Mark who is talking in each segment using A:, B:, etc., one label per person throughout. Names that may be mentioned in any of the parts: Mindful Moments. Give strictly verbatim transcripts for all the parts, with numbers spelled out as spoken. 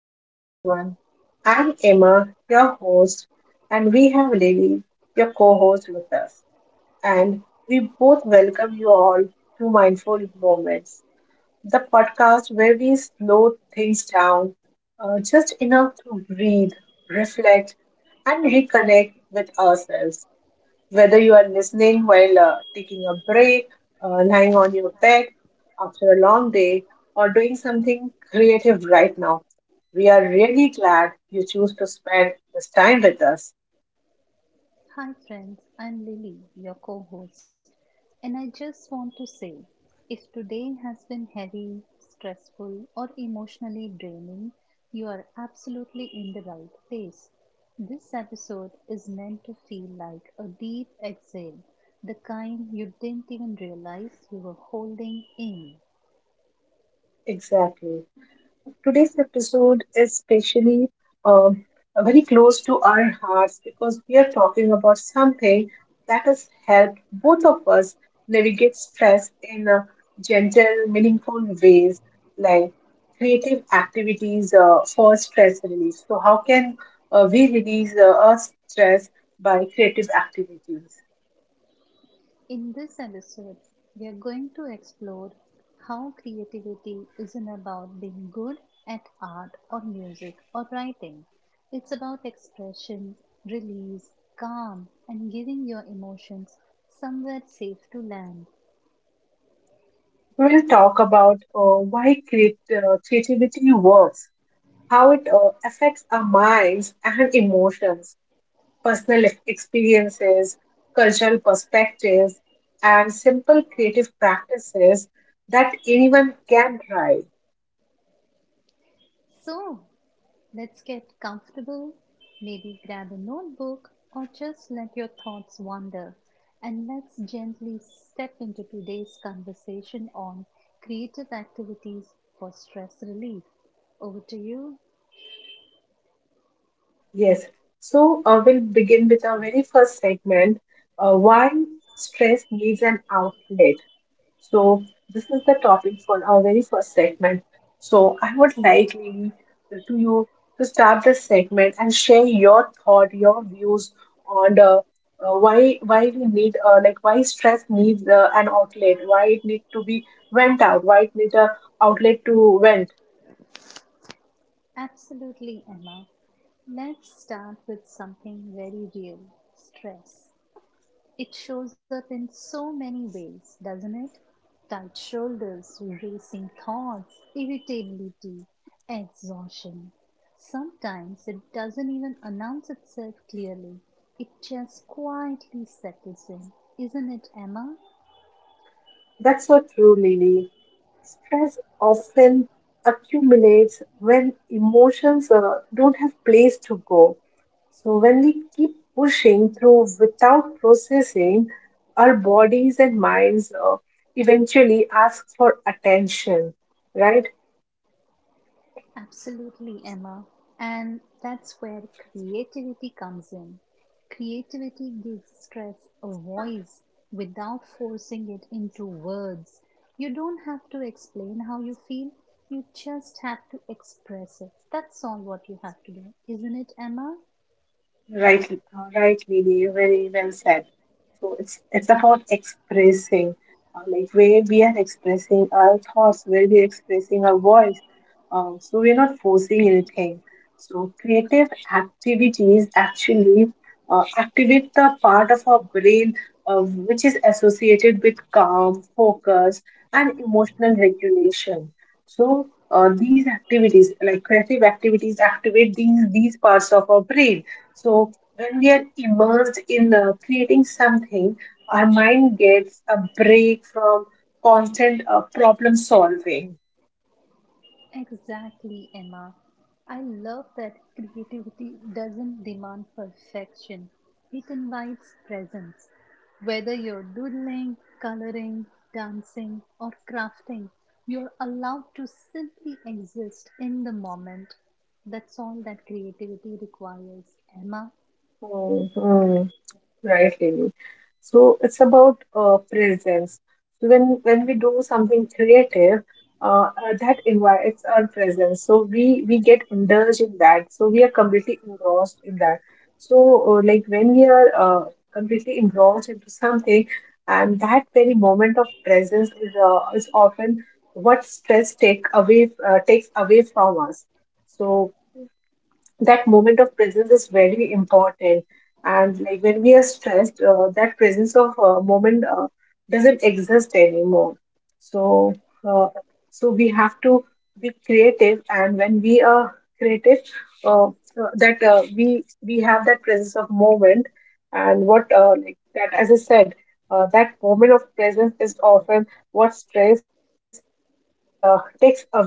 A: Hello, everyone. I'm Emma, your host, and we have Lily, your co host, with us. And we both welcome you all to Mindful Moments, the podcast where we slow things down uh, just enough to breathe, reflect, and reconnect with ourselves. Whether you are listening while uh, taking a break, uh, lying on your bed after a long day, or doing something creative right now, we are really glad you choose to spend this time with us.
B: Hi, friends, I'm Lily, your co host, and I just want to say if today has been heavy, stressful, or emotionally draining, you are absolutely in the right place. This episode is meant to feel like a deep exhale, the kind you didn't even realize you were holding in.
A: Exactly. Today's episode is especially um, very close to our hearts because we are talking about something that has helped both of us navigate stress in a gentle, meaningful ways, like creative activities uh, for stress relief. So how can uh, we release uh, our stress by creative activities?
B: In this episode, we are going to explore how creativity isn't about being good at art or music or writing. It's about expression, release, calm, and giving your emotions somewhere safe to land.
A: We will talk about uh, why create, uh, creativity works, how it uh, affects our minds and emotions, personal ex- experiences, cultural perspectives, and simple creative practices that anyone can try.
B: So, let's get comfortable, maybe grab a notebook or just let your thoughts wander. And let's gently step into today's conversation on creative activities for stress relief. Over to you.
A: Yes. So uh, we'll begin with our very first segment, uh, why stress needs an outlet. So this is the topic for our very first segment. So I would like, Lily, to you to start this segment and share your thought, your views on the uh, why why we need uh, like why stress needs uh, an outlet, why it need to be vent out, why it needs a outlet to vent.
B: Absolutely, Emma. Let's start with something very real stress. It shows up in so many ways, doesn't it? Tight shoulders, racing thoughts, irritability, exhaustion. Sometimes it doesn't even announce itself clearly, it just quietly settles in. Isn't it, Emma?
A: That's so true, Lily. Stress often accumulates when emotions uh, don't have place to go. So when we keep pushing through without processing, our bodies and minds uh, eventually ask for attention, right?
B: Absolutely, Emma. And that's where creativity comes in. Creativity gives stress a voice without forcing it into words. You don't have to explain how you feel, you just have to express it. That's all what you have to do, isn't it, Emma?
A: Right, right, Lily, very well said. So it's it's about expressing, uh, like where we are expressing our thoughts, where we are expressing our voice. Um, so we're not forcing anything. So creative activities actually uh, activate the part of our brain uh, which is associated with calm, focus, and emotional regulation. So uh, these activities, like creative activities, activate these these parts of our brain, so when we are immersed in uh, creating something, our mind gets a break from constant uh, problem solving.
B: Exactly, Emma. I love that creativity doesn't demand perfection, it invites presence. Whether you're doodling, coloring, dancing, or crafting, you're allowed to simply exist in the moment. That's all that creativity requires, Emma.
A: Hmm, hmm. Right, Devi. So it's about uh, presence. So when when we do something creative, uh, uh, that invites our presence. So we we get indulged in that. So we are completely engrossed in that. So uh, like when we are uh, completely engrossed into something, and that very moment of presence is uh, is often what stress take away uh, takes away from us. So that moment of presence is very important, and like when we are stressed, uh, that presence of uh, moment uh, doesn't exist anymore. So uh, so we have to be creative, and when we are creative, uh, uh, that uh, we we have that presence of moment. And what uh, like that, as I said, uh, that moment of presence is often what stress uh, takes away from us, uh,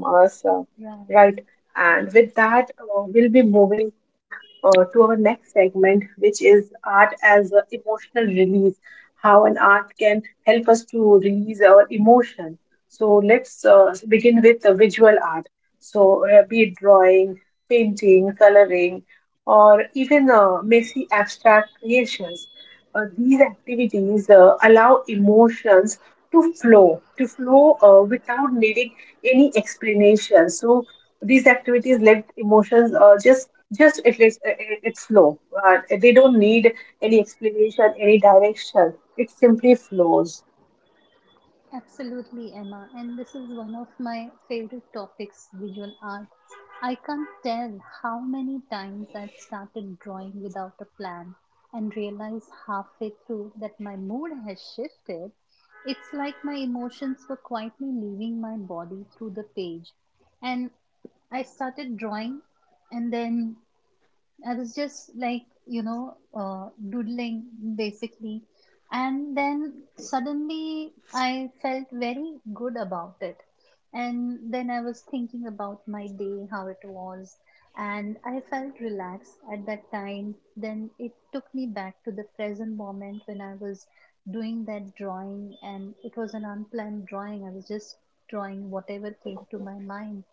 A: right? And
B: Right.
A: with that, uh, we'll be moving uh, to our next segment, which is art as a emotional release, how an art can help us to release our emotion. So let's uh, begin with the visual art. So uh, be it drawing, painting, coloring, or even uh, messy abstract creations. Uh, these activities uh, allow emotions to flow, to flow uh, without needing any explanation. So these activities let emotions uh, just just it is it- it's flow. Uh, they don't need any explanation, any direction. It simply flows.
B: Absolutely, Emma. And this is one of my favorite topics visual art. I can't tell how many times I've started drawing without a plan and realized halfway through that my mood has shifted. It's like my emotions were quietly leaving my body through the page. And I started drawing, and then I was just like, you know, uh, doodling basically. And then suddenly I felt very good about it. And then I was thinking about my day, how it was. And I felt relaxed at that time. Then it took me back to the present moment when I was doing that drawing. And it was an unplanned drawing. I was just drawing whatever came to my mind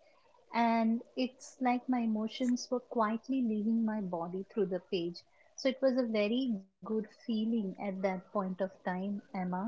B: and it's like my emotions were quietly leaving my body through the page. So it was a very good feeling at that point of time, Emma.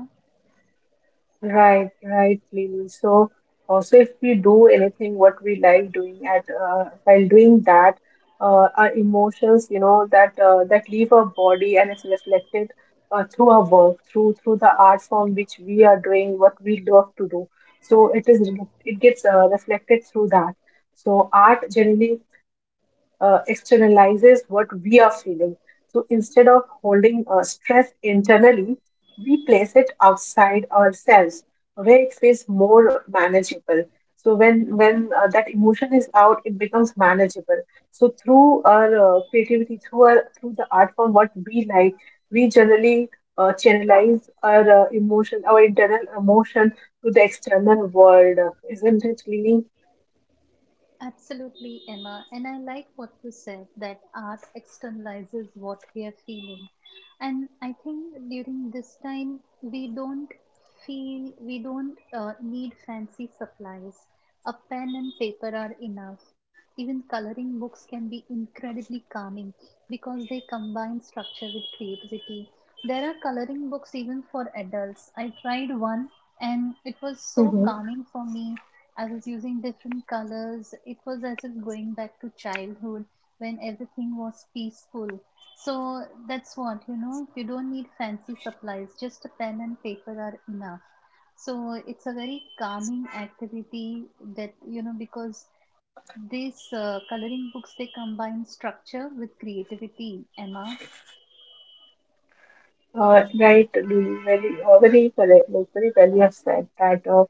A: Right, right, Lily. So also if we do anything what we like doing at uh, while doing that, uh, our emotions, you know, that uh, that leave our body and it's reflected uh, through our work, through through the art form which we are doing, what we love to do. So it is it gets uh, reflected through that. So art generally uh, externalizes what we are feeling. So instead of holding uh, stress internally, we place it outside ourselves where it feels more manageable. So when when uh, that emotion is out, it becomes manageable. So through our uh, creativity, through our through the art form, what we like, we generally uh, channelize our uh, emotion, our internal emotion to the external world. Isn't it, Lily?
B: Absolutely, Emma. And I like what you said that art externalizes what we are feeling. And I think during this time, we don't feel, we don't uh, need fancy supplies. A pen and paper are enough. Even coloring books can be incredibly calming because they combine structure with creativity. There are coloring books even for adults. I tried one and it was so calming for me. I was using different colors. It was as if going back to childhood when everything was peaceful. So that's what, you know, you don't need fancy supplies, just a pen and paper are enough. So it's a very calming activity that, you know, because these uh, coloring books they combine structure with creativity, Emma.
A: Uh, right, Lulu, very, uh, very correct, like very well you have said that, uh,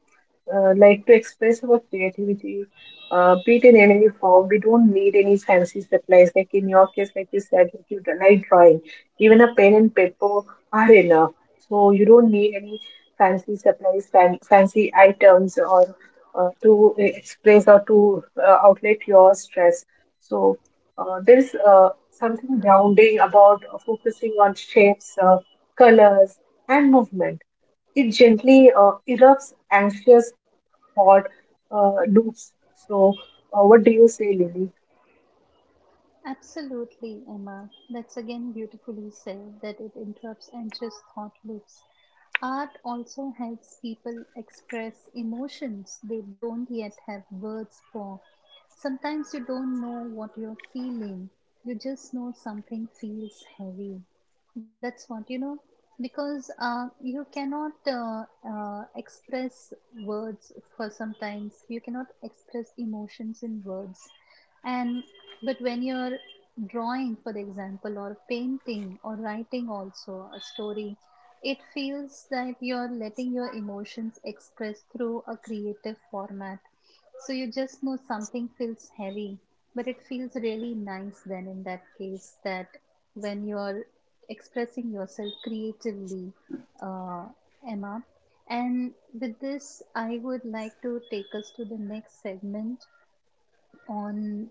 A: uh, like to express our creativity, uh, be it in any form, we don't need any fancy supplies. Like in your case, like you said, like you like drawing, even a pen and paper are enough. So you don't need any fancy supplies, fan, fancy items, or uh, to uh, express or to uh, outlet your stress. So uh, there's uh, something grounding about uh, focusing on shapes. Uh, colors, and movement. It gently uh, erupts anxious thought uh, loops. So uh, what do you say, Lily?
B: Absolutely, Emma. That's again beautifully said that it interrupts anxious thought loops. Art also helps people express emotions they don't yet have words for. Sometimes you don't know what you're feeling, you just know something feels heavy. That's what you know because uh, you cannot uh, uh, express words for sometimes you cannot express emotions in words and but when you're drawing for example or painting or writing also a story it feels that you're letting your emotions express through a creative format so you just know something feels heavy but it feels really nice then in that case that when you're expressing yourself creatively uh, Emma. And with this I would like to take us to the next segment on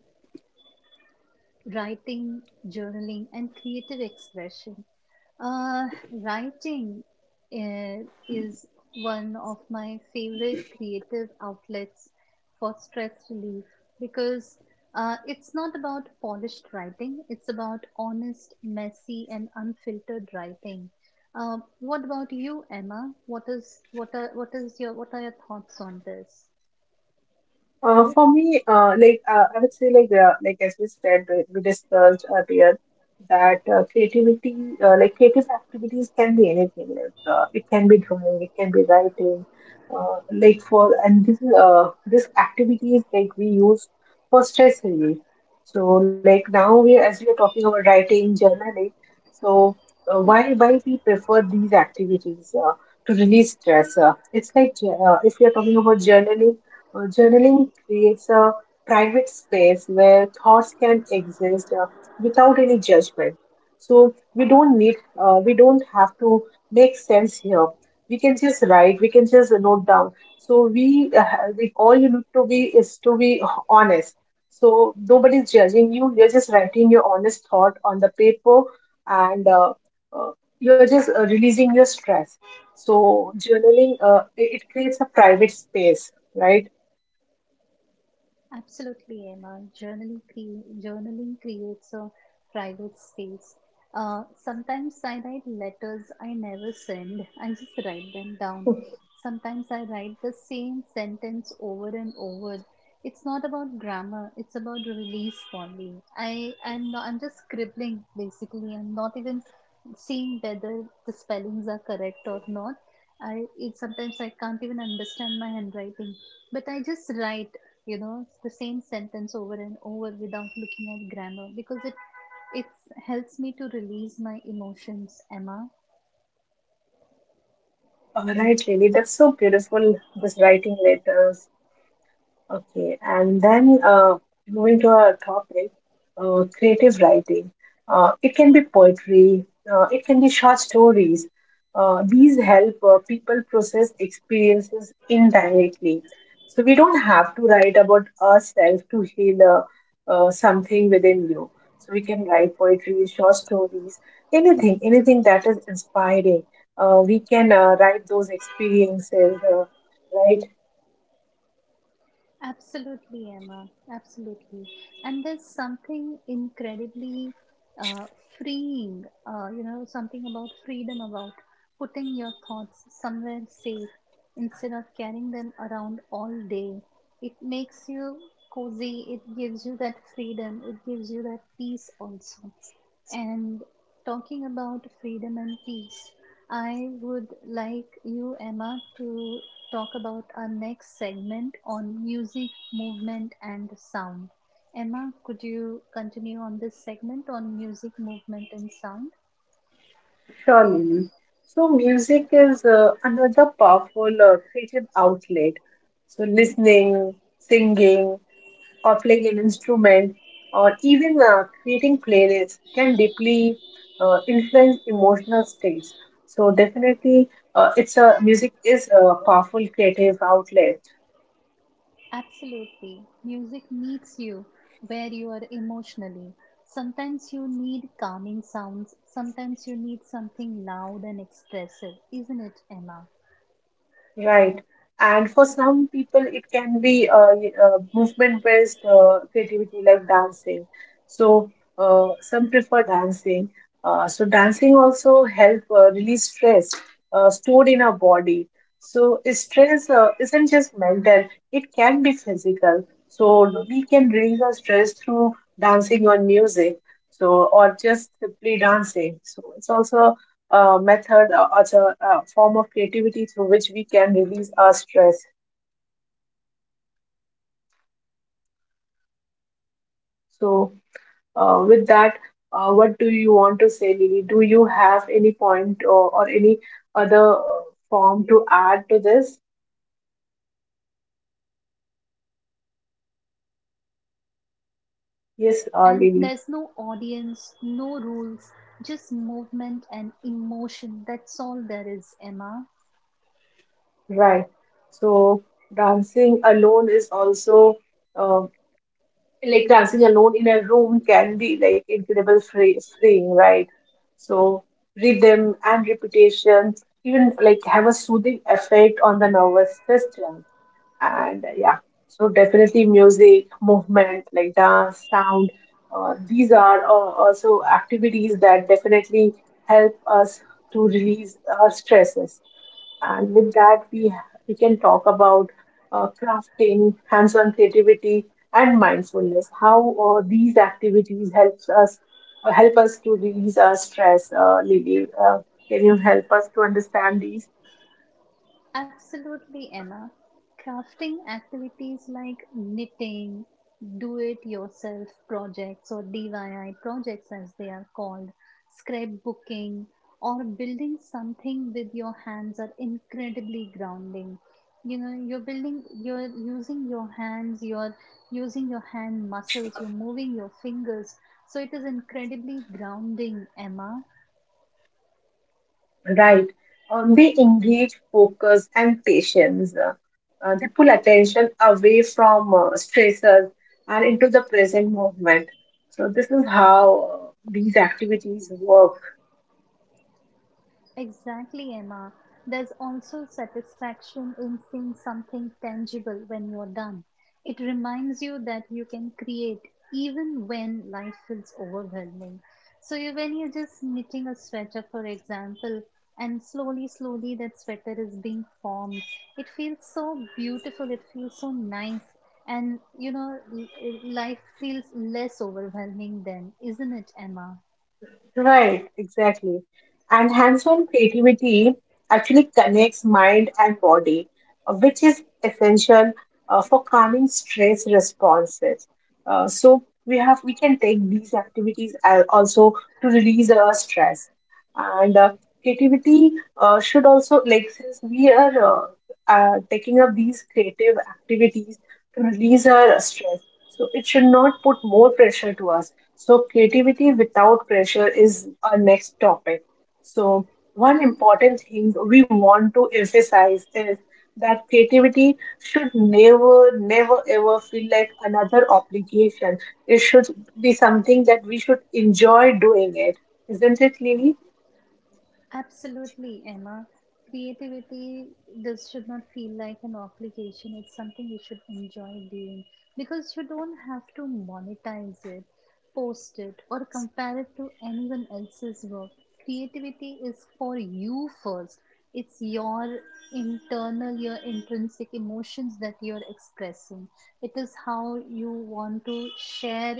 B: writing, journaling, and creative expression. Uh, Writing uh, is one of my favorite creative outlets for stress relief because uh, it's not about polished writing, it's about honest, messy, and unfiltered writing. Uh, what about you, Emma? What is what are what is your what are your thoughts on this?
A: Uh, for me, uh, like uh, I would say, like uh, like as we said, we we discussed earlier that uh, creativity, uh, like creative activities, can be anything. Like uh, it can be drawing, it can be writing. Uh, like for, and this is, uh, this activities like we use for stress relief. So like now we are- as we are talking about writing, journaling. So uh, why why we prefer these activities uh, to release stress? Uh, it's like uh, if we are talking about journaling, uh, journaling creates a private space where thoughts can exist uh, without any judgment. So we don't need, uh, we don't have to make sense here. We can just write, we can just note down. So we, uh, we all you need to be is to be honest. So nobody's judging you. You're just writing your honest thought on the paper, and uh, uh, you're just uh, releasing your stress. So journaling, uh, it it creates a private space, right?
B: Absolutely, Emma. Journaling, cre- journaling creates a private space. Uh, sometimes I write letters I never send, I just write them down. Sometimes I write the same sentence over and over. It's not about grammar, it's about release for me. I am not, I'm just scribbling basically. I'm not even seeing whether the spellings are correct or not. I it, sometimes I can't even understand my handwriting, but I just write you know the same sentence over and over without looking at grammar because it it helps me to release my emotions, Emma.
A: All right, really, that's so beautiful. This writing letters, okay, and then uh, moving to our topic, uh, creative writing. Uh, it can be poetry, uh, it can be short stories. Uh, these help uh, people process experiences indirectly. So we don't have to write about ourselves to heal uh, uh, something within you. So we can write poetry, short stories, anything, anything that is inspiring. Uh, we can uh, write those experiences, uh, right?
B: Absolutely emma absolutely And there's something incredibly uh, freeing, uh, you know, something about freedom about putting your thoughts somewhere safe instead of carrying them around all day. It makes you cozy, it gives you that freedom, it gives you that peace also. And talking about freedom and peace, I would like you, Emma, to talk about our next segment on music, movement, and sound. Emma, could you continue on this segment on music, movement, and sound?
A: Surely. So music is uh, another powerful uh, creative outlet. So listening, singing, or playing an instrument, or even uh, creating playlists can deeply uh, influence emotional states. So definitely, uh, it's a music is a powerful creative outlet.
B: Absolutely. Music meets you where you are emotionally. Sometimes you need calming sounds, sometimes you need something loud and expressive, isn't it, Emma?
A: Right. And for some people, it can be uh, y- uh, movement-based uh, creativity like dancing. So uh, some prefer dancing. Uh, so dancing also help uh, release stress uh, stored in our body. So stress uh, isn't just mental; it can be physical. So we can release our stress through dancing or music. So or just simply dancing. So it's also uh, method uh, as
B: Absolutely.
A: a, uh form of
B: Dancing alone
A: creativity
B: in your
A: through
B: room
A: which we
B: can be
A: can release our
B: incredibly
A: stress.
B: freeing. I do that sometimes. I'm just dancing alone in my room and
A: So
B: feeling the air,
A: uh,
B: just
A: with that,
B: letting my
A: uh,
B: hands
A: what do you want
B: flow,
A: to say,
B: letting my
A: Lily? Do
B: legs,
A: you have
B: throwing
A: any
B: my legs
A: point,
B: here
A: or,
B: and
A: or any
B: there. And
A: other
B: I'm
A: uh,
B: not, I,
A: form
B: I'm
A: to
B: not
A: add to
B: dancing
A: this?
B: with proper steps, but it feels so nice and it is so freeing. I feel so free
A: Yes, uh,
B: and
A: Lily,
B: there's no audience, no rules, just movement and emotion, that's all there is, Emma.
A: right. So dancing alone is also. uh, like dancing alone in a room can be like incredible free, freeing, right? So rhythm and repetition even like have a soothing effect on the nervous system. And uh, yeah, so definitely music, movement like dance, sound, uh, these are uh, also activities that definitely help us to release our stresses. And with that, we, we can talk about uh, crafting, hands on creativity, and mindfulness. How uh, these activities helps us uh, help us to release our stress, uh, Lily. Uh, can you help us to understand these?
B: Absolutely, Emma. Crafting activities like knitting, do it yourself projects or D I Y projects as they are called, scrapbooking, or building something with your hands are incredibly grounding. You know, you're building, you're using your hands, you're using your hand muscles, you're moving your fingers. So it is incredibly grounding, Emma.
A: Right. Um, they engage focus and patience. Uh, uh, they pull attention away from uh, stressors and into the present moment. So this is how uh, these activities work.
B: Exactly, Emma. There's also satisfaction in seeing something tangible when you're done. It reminds you that you can create even when life feels overwhelming. So, you, when you're just knitting a sweater, for example, and slowly, slowly that sweater is being formed, it feels so beautiful, it feels so nice, and you know, l- life feels less overwhelming then, isn't it, Emma?
A: Right, exactly. And hands-on creativity actually connects mind and body, uh, which is essential uh, for calming stress responses. Uh, so we have we can take these activities al- also to release our stress. And uh, creativity uh, should also, like, since we are uh, uh, taking up these creative activities to release our stress, so it should not put more pressure to us. So creativity without pressure is our next topic. So one important thing we want to emphasize is that creativity should never, never, ever feel like another obligation. It should be something that we should enjoy doing it. Isn't it, Lily?
B: Absolutely, Emma. Creativity, this should not feel like an obligation. It's something you should enjoy doing because you don't have to monetize it, post it, or compare it to anyone else's work. Creativity is for you first. It's your internal, your intrinsic emotions that you're expressing. It is how you want to share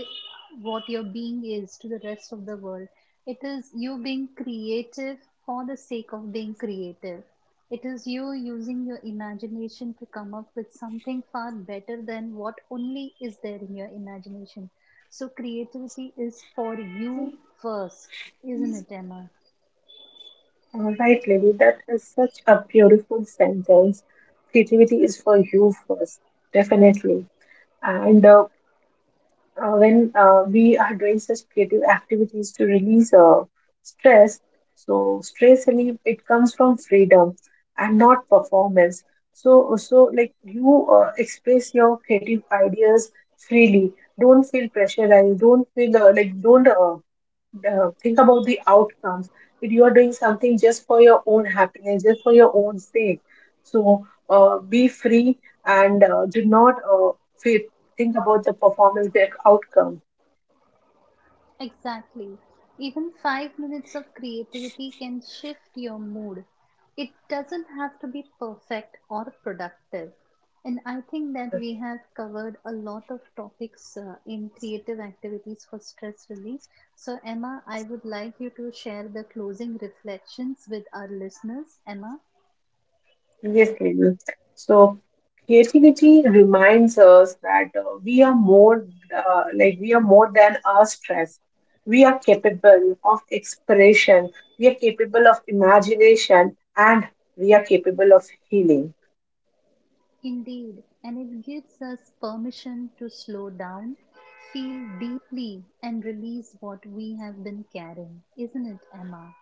B: what your being is to the rest of the world. It is you being creative for the sake of being creative. It is you using your imagination to come up with something far better than what only is there in your imagination. So, creativity is for you first, isn't it, Emma?
A: All right, Lily, that is such a beautiful sentence. Creativity is for you first, definitely. And uh, uh, when uh, we are doing such creative activities to release uh, stress, so stress relief, it comes from freedom and not performance. So so like you uh, express your creative ideas freely, don't feel pressurized, don't feel uh, like don't uh, uh, think about the outcomes, that you are doing something just for your own happiness, just for your own sake. So uh, be free, and uh, do not uh, fe- think about the performance, the outcome.
B: Exactly. Even five minutes of creativity can shift your mood. It doesn't have to be perfect or productive. And I think that we have covered a lot of topics uh, in creative activities for stress relief. So, Emma, I would like you to share the closing reflections with our listeners. Emma?
A: Yes, Lenu. So creativity reminds us that uh, we are more uh, like we are more than our stress. We are capable of expression, we are capable of imagination, and we are capable of healing.
B: Indeed, and it gives us permission to slow down, feel deeply, and release what we have been carrying, isn't it, Emma?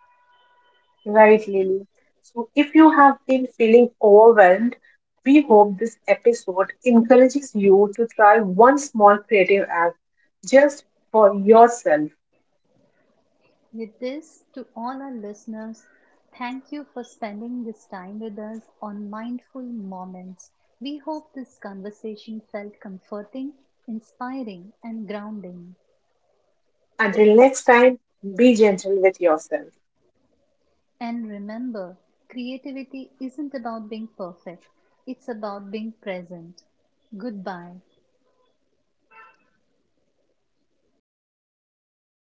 A: Right, Lily. So if you have been feeling overwhelmed, we hope this episode encourages you to try one small creative act just for yourself.
B: With this, to all our listeners, thank you for spending this time with us on Mindful Moments. We hope this conversation felt comforting, inspiring, and grounding.
A: Until next time, be gentle with yourself.
B: And remember, creativity isn't about being perfect, it's about being present. Goodbye.